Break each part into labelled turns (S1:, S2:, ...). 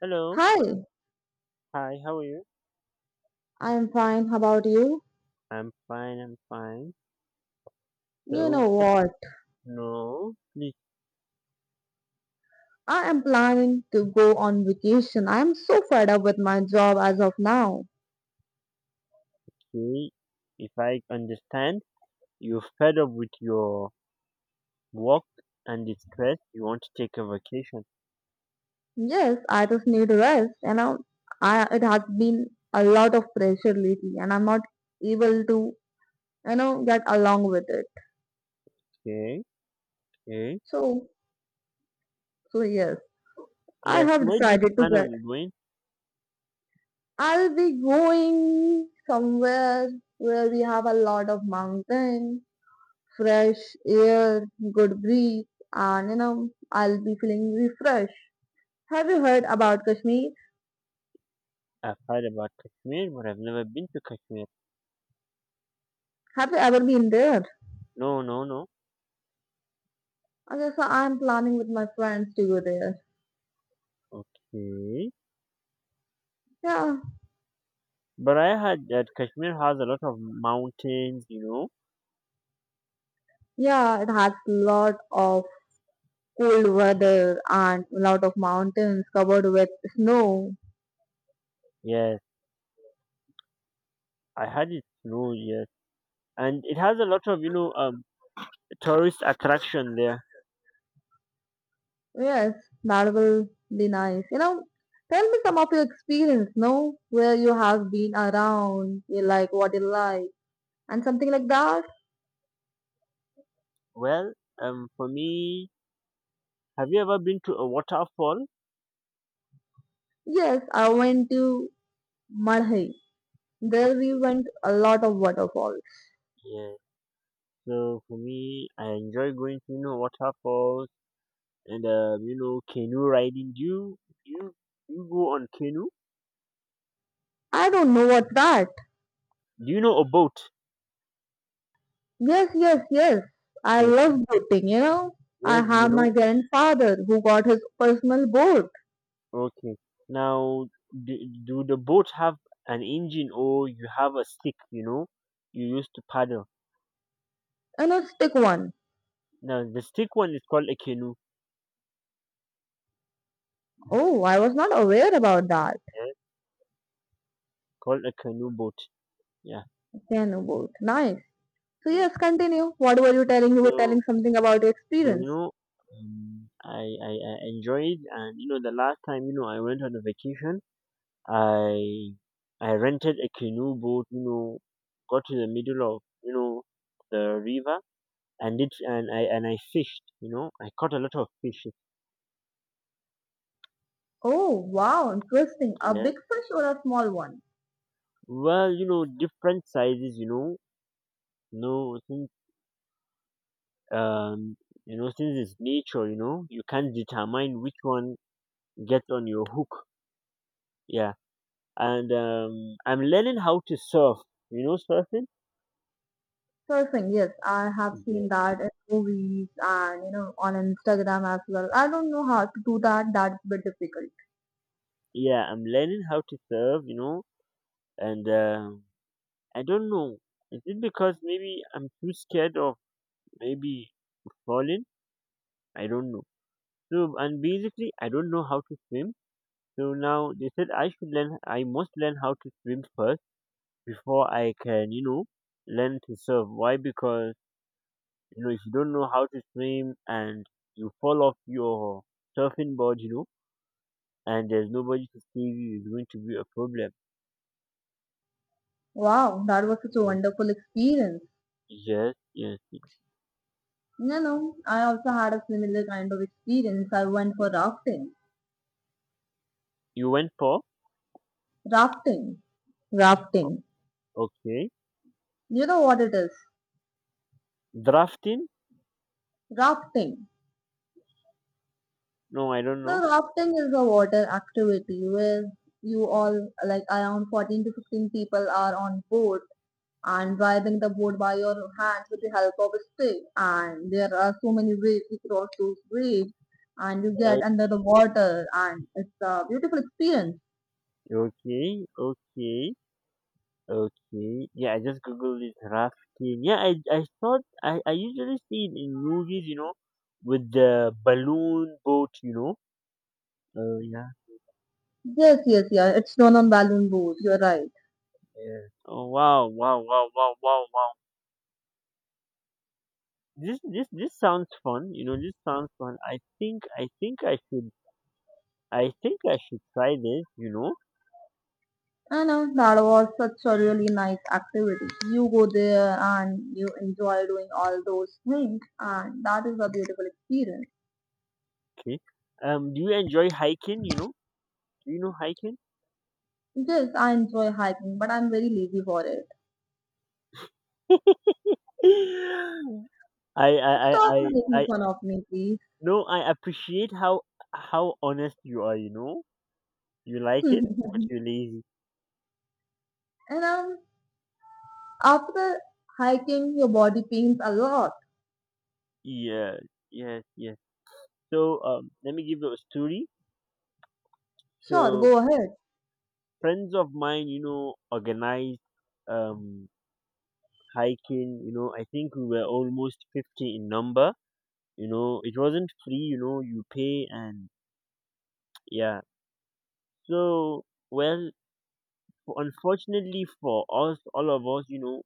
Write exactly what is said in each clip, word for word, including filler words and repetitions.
S1: Hello.
S2: Hi,
S1: Hi, how are you?
S2: I am fine. How about you?
S1: I'm fine, I'm fine.
S2: You
S1: So,
S2: know
S1: what?
S2: what?
S1: No, please
S2: I am planning to go on vacation. I am so fed up with my job as of now.
S1: say, if I understand, you're fed up with your work and the stress. You want to take a vacation.
S2: Yes, I just need rest. You know, I it has been a lot of pressure lately, and I'm not able to, you know, get along with it.
S1: Okay, okay.
S2: So, so yes, I
S1: Yeah, so
S2: have
S1: where do you
S2: decided to
S1: plan
S2: get.
S1: on going?
S2: I'll be going somewhere where we have a lot of mountains fresh air, good breeze, and you know, I'll be feeling refreshed. Have you heard about Kashmir?
S1: I've heard about Kashmir, but I've never been to Kashmir.
S2: Have you ever been there?
S1: No, no, no.
S2: Okay, so I'm planning with my friends to go there.
S1: Okay.
S2: Yeah,
S1: But I heard that Kashmir has a lot of mountains, you know.
S2: yeah, it has lot of cold weather and lot of mountains covered with snow.
S1: Yes, I heard it snows, yes. And it has a lot of, you know, um, tourist attraction there?
S2: Yes, that will be nice. You know, tell me some of your experience, no? Where you have been around, you like what you like, and something like that.
S1: Well, um, for me, have you ever been to a waterfall?
S2: Yes, I went to Madhai. There we went a lot of waterfalls.
S1: Yeah. So for me, I enjoy going to you know waterfalls and um, you know canoe riding. Do you do you do you go on canoe?
S2: I don't know what's that.
S1: Do you know a boat?
S2: Yes, yes, yes. I
S1: Yes.
S2: love boating, you know. I
S1: Yes. You
S2: have my
S1: know.
S2: grandfather who got his personal boat
S1: Okay. Now, do, do the boat have an engine or you have a stick? You know, you use to paddle.
S2: and a stick one.
S1: Now the stick one is called a canoe.
S2: Oh, I was not aware about that.
S1: Yeah. Called a canoe boat. Yeah.
S2: Piano boat. Nice. So
S1: Yeah.
S2: yes, continue. What were you telling? You were telling
S1: So
S2: something about your
S1: So, you
S2: experience.
S1: know, um, I, I, I enjoyed and, you know, the last time, you know, I went on a vacation, I, I rented a canoe boat, you know, got to the middle of, you know, the river and it, and I, and I fished, you know, I caught a lot of fish.
S2: Oh, wow, interesting. A
S1: Yeah.
S2: big fish or a small one?
S1: Well, you know, different sizes, you know, no, since, um, you know, since it's nature, you know, you can't determine which one gets on your hook. Yeah. and um, I'm learning how to surf. You know, surfing.
S2: Surfing, yes, I have seen
S1: Yeah,
S2: that in movies and you know on Instagram as well. I don't know how to do that. That's a bit difficult.
S1: yeah. I'm learning how to surf. You know, and um I don't know. Is it because maybe I'm too scared of maybe falling? I don't know. So and basically, I don't know how to swim. So now they said I should learn. I must learn how to swim first before I can, you know, learn to surf. Why? Because you know, if you don't know how to swim and you fall off your surfing board, you know and there's nobody to save you is going to be a problem.
S2: Wow, that was such a
S1: Yes,
S2: wonderful experience.
S1: yes, yes.
S2: You know, I also had a similar kind of experience. I went for rafting.
S1: You went for?
S2: Rafting. Rafting.
S1: Okay.
S2: You know what it is?
S1: Drafting?
S2: Rafting.
S1: No, I don't know.
S2: Now, rafting is a water activity where you all, like around fourteen to fifteen people are on board and driving the boat by your hands with the help of a stick. And there are so many ways to cross those waves, and you
S1: Uh,
S2: get under the water, and it's a beautiful experience.
S1: okay, okay, okay. Yeah, I just googled it. Drafting. Yeah, I, I thought, I, I usually see it in movies, you know, with the balloon boat, you know. Oh, yeah,
S2: Yes, yes, yeah. It's known on balloon boat. You're right.
S1: yeah. Oh wow, wow, wow, wow, wow, wow. This this this sounds fun. You know, this sounds fun. I think I think I should I think I should try this, you know.
S2: I know that was such a really nice activity. You go there and you enjoy doing all those things, and that is a beautiful experience.
S1: Okay. Um, do you enjoy hiking, you know? Do you know hiking?
S2: Yes, I enjoy hiking, but I'm very lazy for it.
S1: I, I, I,
S2: Stop
S1: I,
S2: making
S1: I,
S2: fun of me, please.
S1: no, I appreciate how, how honest you are, you know? You like it, but you're lazy.
S2: and um. After hiking, your body pains a lot.
S1: Yeah, yes, yes. So, um, let me give you a story.
S2: Sure,
S1: So,
S2: go ahead.
S1: friends of mine, you know, organized, um, hiking, you know, I think we were almost fifty in number, you know, it wasn't free, you know, you pay and yeah, So, well, unfortunately for us, all of us, you know,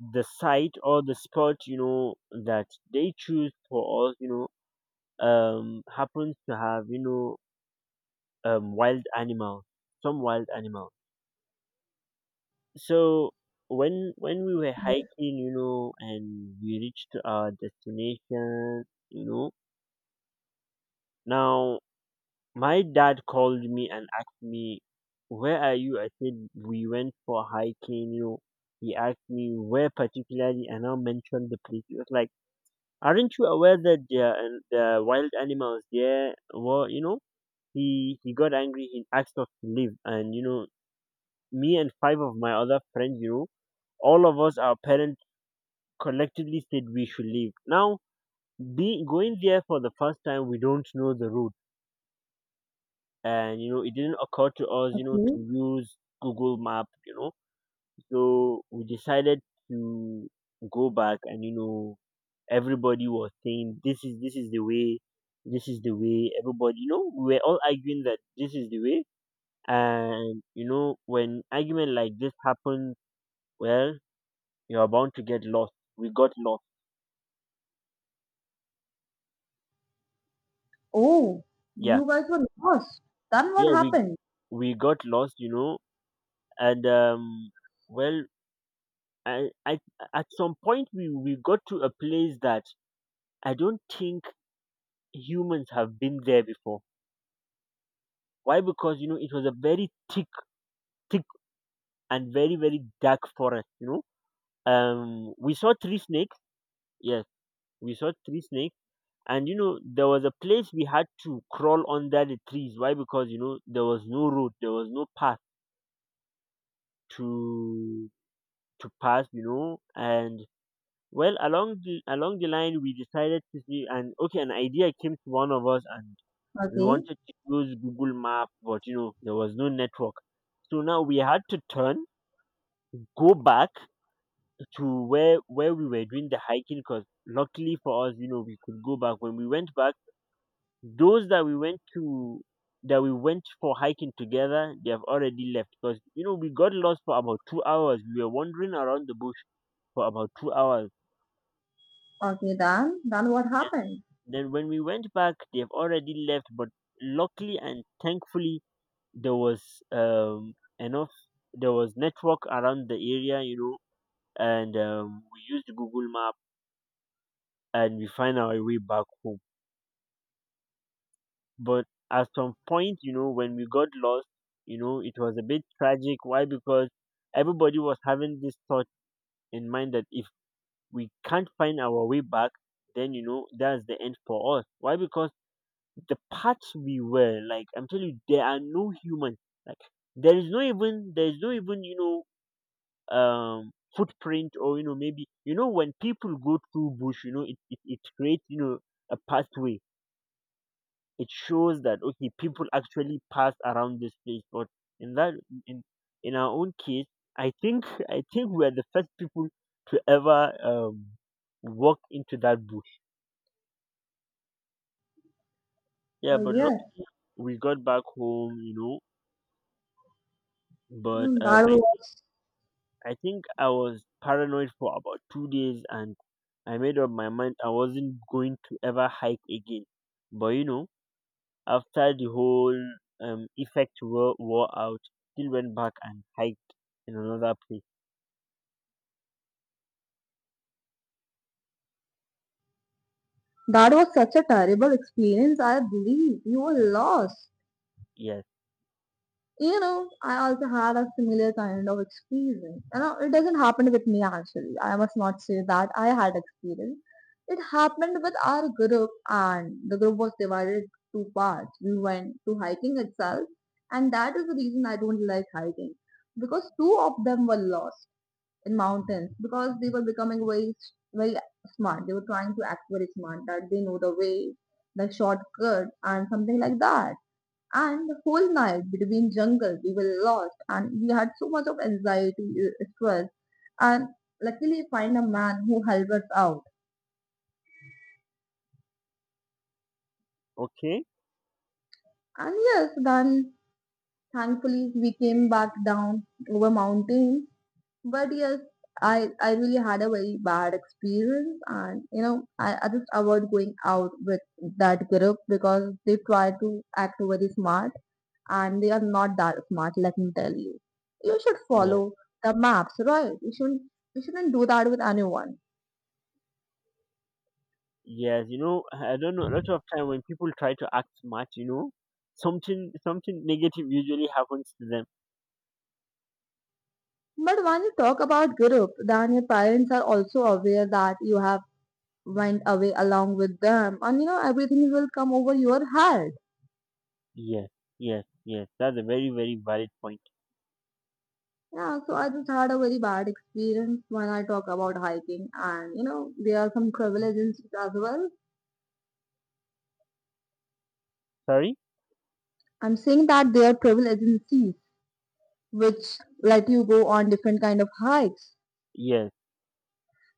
S1: the site or the spot, you know, that they choose for us, you know, um, happens to have, you know, um, wild animals, some wild animals. So when when we were
S2: Yes.
S1: hiking, you know, and we reached our destination, you know, now My dad called me and asked me, where are you? I said, we went for hiking. You know, he asked me where particularly, and I mentioned the place. He was like, aren't you aware that there are an- there are wild animals there? Well, you know, he, he got angry. He asked us to leave. And, you know, me and five of my other friends, you know, all of us, our parents collectively said we should leave. Now, be, going there for the first time, we don't know the route, and you know it didn't occur to us you know to
S2: Okay.
S1: use google map you know so we decided to go back, and you know everybody was saying this is this is the way, this is the way. Everybody, you know we were all arguing that this is the way, and you know when argument like this happens, well, you're bound to get lost. We got lost.
S2: Oh,
S1: Yeah.
S2: you guys were lost. Then what
S1: Yeah, we
S2: happened?
S1: we got lost, you know and um well i i at some point, we we got to a place that I don't think humans have been there before. Why? Because you know it was a very thick, thick and very very dark forest. You know, um, we saw three snakes. Yes, we saw three snakes, and you know there was a place we had to crawl under the trees. Why? Because you know there was no road, there was no path to to pass. You know, and well, along the along the line we decided to see, and okay, an idea came to one of us, and we
S2: Okay.
S1: wanted to use google map, but you know there was no network. So now we had to turn, go back to where where we were doing the hiking, because luckily for us, you know we could go back. When we went back, those that we went to that we went for hiking together, they have already left, because you know we got lost for about two hours. We were wandering around the bush for about two hours.
S2: Okay, then then what
S1: Yes.
S2: happened?
S1: Then when we went back, they've already left, but luckily and thankfully there was um enough there was network around the area, you know and um, we used google map, and we find our way back home. But at some point, you know when we got lost, you know it was a bit tragic. Why? Because everybody was having this thought in mind that if we can't find our way back, then you know that's the end for us. Why? Because the paths, we were like, I'm telling you, there are no humans. Like, there is no even, there is no even you know um footprint, or you know maybe, you know when people go through bush, you know it, it, it creates, you know a pathway. It shows that okay people actually pass around this place, but in that in in our own case, i think i think we're the first people to ever um walk into that bush. Yeah,
S2: Oh
S1: but
S2: yes,
S1: luckily we got back home, you know but
S2: Mm,
S1: um
S2: that
S1: I
S2: was
S1: I think I was paranoid for about two days, and I made up my mind I wasn't going to ever hike again. But you know, after the whole um, effect wore, wore out, still went back and hiked in another place.
S2: that was such a terrible experience. I believe you were lost.
S1: Yes.
S2: You know, I also had a similar kind of experience. You know, it doesn't happen with me actually. I must not say that I had experience. It happened with our group and the group was divided two parts. We went to hiking itself and that is the reason I don't like hiking because two of them were lost in mountains because they were becoming very, very smart. They were trying to act very smart that they know the way, the shortcut and something like that and the whole night between jungle, we were lost and we had so much of anxiety, uh, stress. And luckily, find a man who helped us out.
S1: Okay.
S2: And yes, then thankfully we came back down over mountain. But yes, I I really had a very bad experience, and you know I, I just avoid going out with that group because they try to act very smart and they are not that smart, let me tell you. You should
S1: Yeah.
S2: follow the maps, right? You shouldn't you shouldn't do that with anyone.
S1: Yes. You know, I don't know. A lot of time when people try to act smart, you know, something something negative usually happens to them.
S2: But when you talk about group, then your parents are also aware that you have went away along with them and you know everything will come over your head.
S1: Yes. Yes. Yes. That's a very very valid point.
S2: Yeah, so I just had a very bad experience when I talk about hiking and you know, there are some travel agencies as well.
S1: Sorry.
S2: I'm saying that there are travel agencies which let you go on different kind of hikes.
S1: Yes.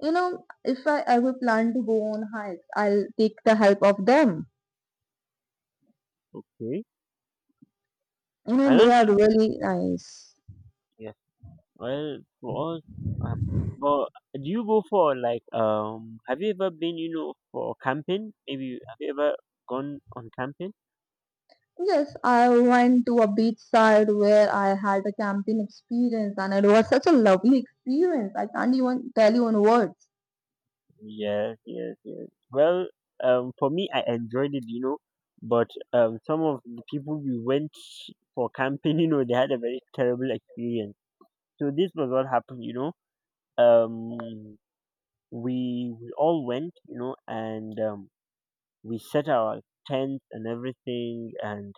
S2: You know, if I ever plan to go on hikes, I'll take the help of them.
S1: Okay.
S2: You
S1: I
S2: know, they
S1: don't
S2: are
S1: think.
S2: really nice.
S1: Well, for us, um, but do you go for like um? Have you ever been, you know, for camping? Maybe have you ever gone on camping?
S2: Yes, I went to a beachside where I had a camping experience and it was such a lovely experience. I can't even tell you in words.
S1: Yes, yes, yes. Well, um, for me, I enjoyed it, you know, but um, some of the people we went for camping, you know, they had a very terrible experience. So this was what happened, you know. Um, we we all went, you know, and um, we set our tents and everything, and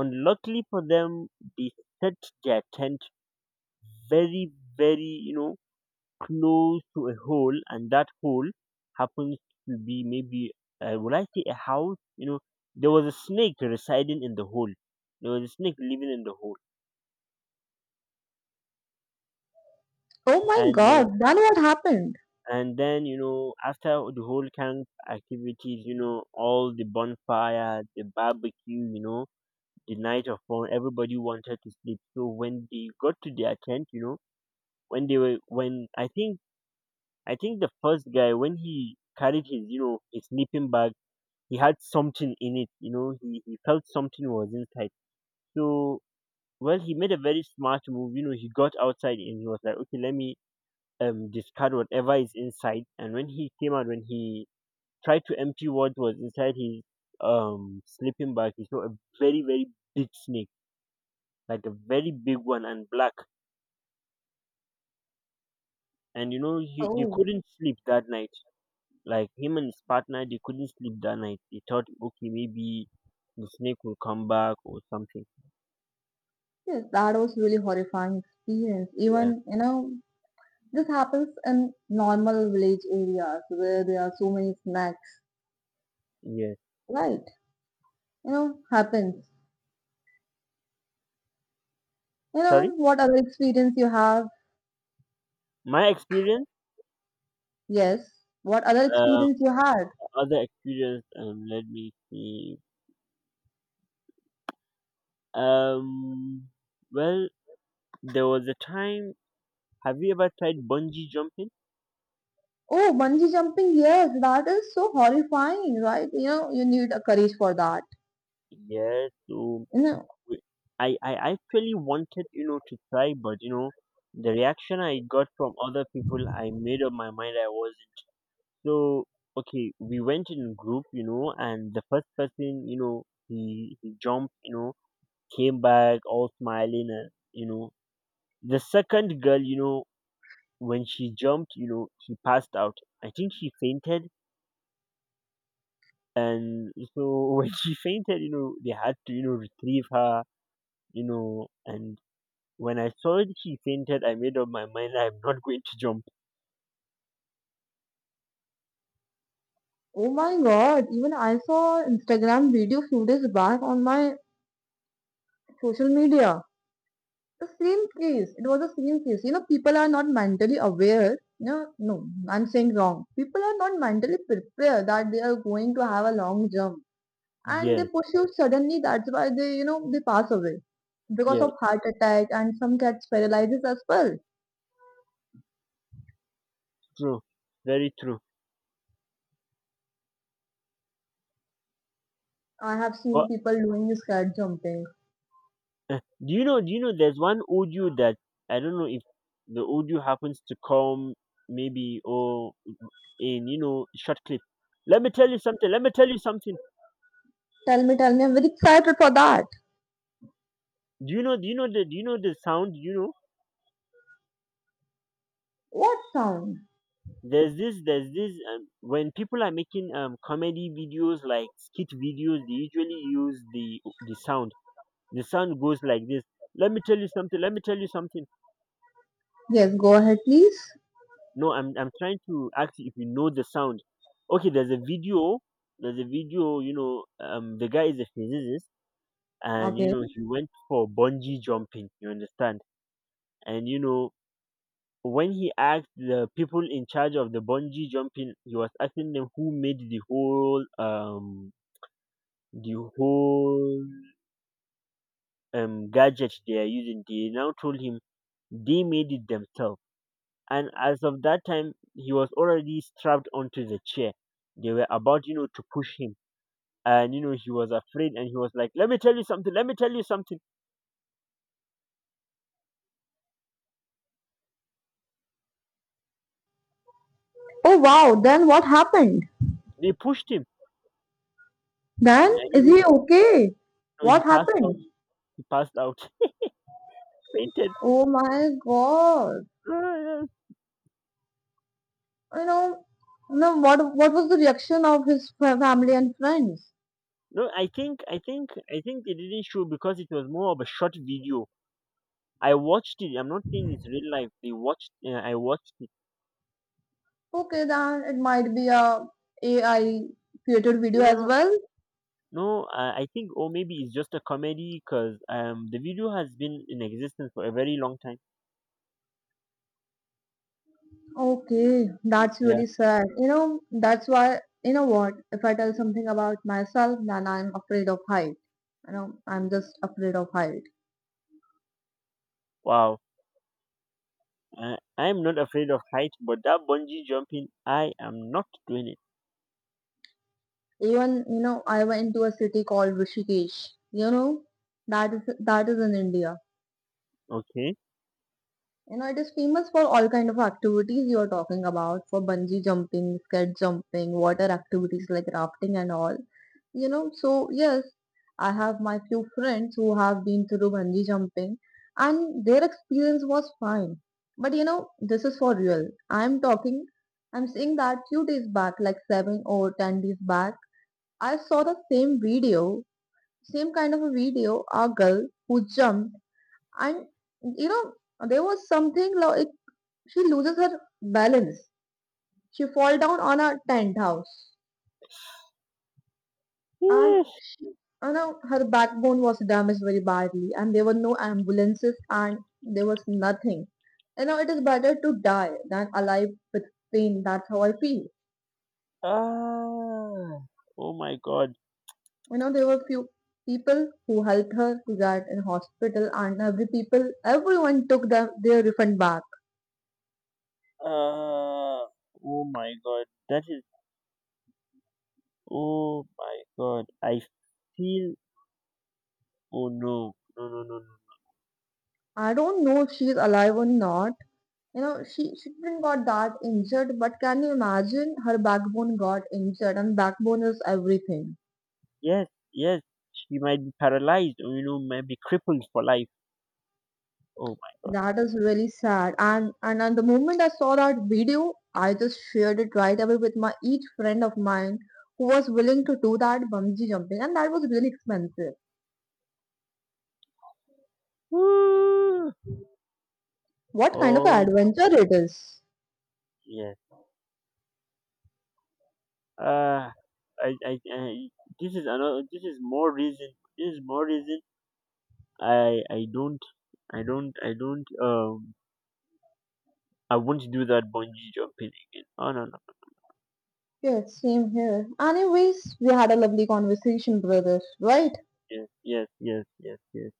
S1: unluckily for them, they set their tent very, very, you know, close to a hole, and that hole happens to be maybe, uh, will I say a house? You know, there was a snake residing in the hole. There was a snake living in the hole,
S2: Oh my
S1: and uh,
S2: god, then what happened?
S1: and then you know, after the whole camp activities, you know, all the bonfire, the barbecue, you know, the night of fun, everybody wanted to sleep. So when they got to their tent, you know, when they were when I think I think the first guy, when he carried his you know his sleeping bag, he had something in it. You know, he he felt something was inside. So well, he made a very smart move. You know, he got outside and he was like, okay, let me um discard whatever is inside. And when he came out, when he tried to empty what was inside his um sleeping bag, he saw a very very big snake, like a very big one and black. And you know, he, they
S2: Oh,
S1: couldn't sleep that night. Like him and his partner, they couldn't sleep that night. They thought okay maybe the snake will come back or something.
S2: yes, that was really horrifying experience.
S1: Yeah.
S2: Even, you know, this happens in normal village areas where there are so many snacks,
S1: Yes.
S2: right? You know, happens. You know,
S1: Sorry?
S2: what other experience you have?
S1: My experience?
S2: Yes. What other
S1: Uh,
S2: experience you had?
S1: other experience, um let me see. Um well there was a time. Have you ever tried bungee jumping?
S2: Oh, bungee jumping. Yes, that is so horrifying, right? You know, you need a courage for that.
S1: Yes. So
S2: You know,
S1: we- I, I actually wanted, you know, to try, but you know, the reaction I got from other people, I made up my mind I wasn't. So okay, we went in group, you know, and the first person, you know, he he jumped, you know, came back all smiling, and you know, the second girl, you know, when she jumped, you know, she passed out. I think she fainted, and so when she fainted, you know, they had to, you know, retrieve her, you know, and when I saw it, she fainted, I made up my mind I'm not going to jump.
S2: oh my God. Even I saw Instagram video few days back on my social media. The same case. It was the same case. You know, people are not mentally aware. No, no, I'm saying wrong. People are not mentally prepared that they are going to have a long jump. And they
S1: Yes,
S2: push you suddenly, that's why they you know they pass away because
S1: yes,
S2: of heart attack and some cats paralyzes as well.
S1: true, very true.
S2: I have
S1: But
S2: seen people doing this cat jumping.
S1: Uh, do you know? Do you know? There's one audio that I don't know if the audio happens to come maybe or in you know short clip. Let me tell you something. Let me tell you something.
S2: Tell me, tell me, I'm very excited for that.
S1: Do you know? Do you know the? Do you know the sound? You know,
S2: What sound?
S1: there's this. There's this. Um, when people are making um comedy videos like skit videos, they usually use the the sound. The sound goes like this. Let me tell you something. Let me tell you something.
S2: Yes, go ahead, please.
S1: No, I'm I'm trying to ask you if you know the sound. Okay, there's a video. There's a video. You know, um, the guy is a physicist, and you
S2: Okay,
S1: know he went for bungee jumping. You understand? And you know when he asked the people in charge of the bungee jumping, he was asking them who made the whole um the whole um gadget they are using. They now told him they made it themselves. And as of that time he was already strapped onto the chair, they were about, you know to push him, and you know he was afraid and he was like, let me tell you something, let me tell you something.
S2: oh wow, then what happened?
S1: They pushed him,
S2: Then
S1: and
S2: is
S1: you know
S2: he okay?
S1: so
S2: What
S1: he passed
S2: happened?
S1: out. He passed out. Fainted.
S2: Oh my god,
S1: No, no.
S2: you know no, what what was the reaction of his fa- family and friends?
S1: No, i think i think i think they didn't show because it was more of a short video. I watched it. I'm not saying it's real life. They watched uh, i watched it.
S2: Okay, then it might be a AI created video
S1: No, no,
S2: as
S1: no.
S2: well.
S1: No, uh, I think, or maybe it's just a comedy, because um, the video has been in existence for a very long time.
S2: Okay, that's really sad. You know, that's why you know what? If I tell something about myself, then I'm afraid of height. You know, I'm just afraid of height.
S1: Wow, I, I'm not afraid of heights, but that bungee jumping, I am not doing it.
S2: Even you know, I went to a city called Rishikesh. You know, that is that is in India.
S1: Okay.
S2: You know, it is famous for all kind of activities you are talking about, for bungee jumping, scared jumping, water activities like rafting and all. You know, so yes, I have my few friends who have been through bungee jumping and their experience was fine. But you know, this is for real. I'm talking, I'm saying that few days back, like seven or ten days back, I saw the same video, same kind of a video, a girl who jumped and you know, there was something like she loses her balance. She fall down on a tent house and
S1: Yes.
S2: she, you know, her backbone was damaged very badly and there were no ambulances and there was nothing. You know, it is better to die than alive with pain. That's how I feel.
S1: Ah. Oh my god.
S2: You know, there were few people who helped her to get in hospital and every people, everyone took them, their refund back.
S1: Ah. Oh my god. That is. Oh my god. I feel. Oh no. No. No. No. No.
S2: I don't know if she is alive or not. You know, she, she didn't got that injured, but can you imagine her backbone got injured and backbone is everything.
S1: Yes. Yes. She might be paralyzed, or you know, might be crippled for life. Oh my god.
S2: That is really sad. And and at the moment I saw that video, I just shared it right away with my each friend of mine who was willing to do that bungee jumping and that was really expensive.
S1: Woo.
S2: What kind of an
S1: Oh
S2: adventure it is.
S1: yeah. Uh, I, I, I, this is another. This is more reason. This is more reason. I, I don't, I don't, I don't. Um, I won't do that bungee jumping again. Oh no, no.
S2: Yes, same here. Anyways, we had a lovely conversation, brothers, right?
S1: Yes, yes, yes, yes, yes.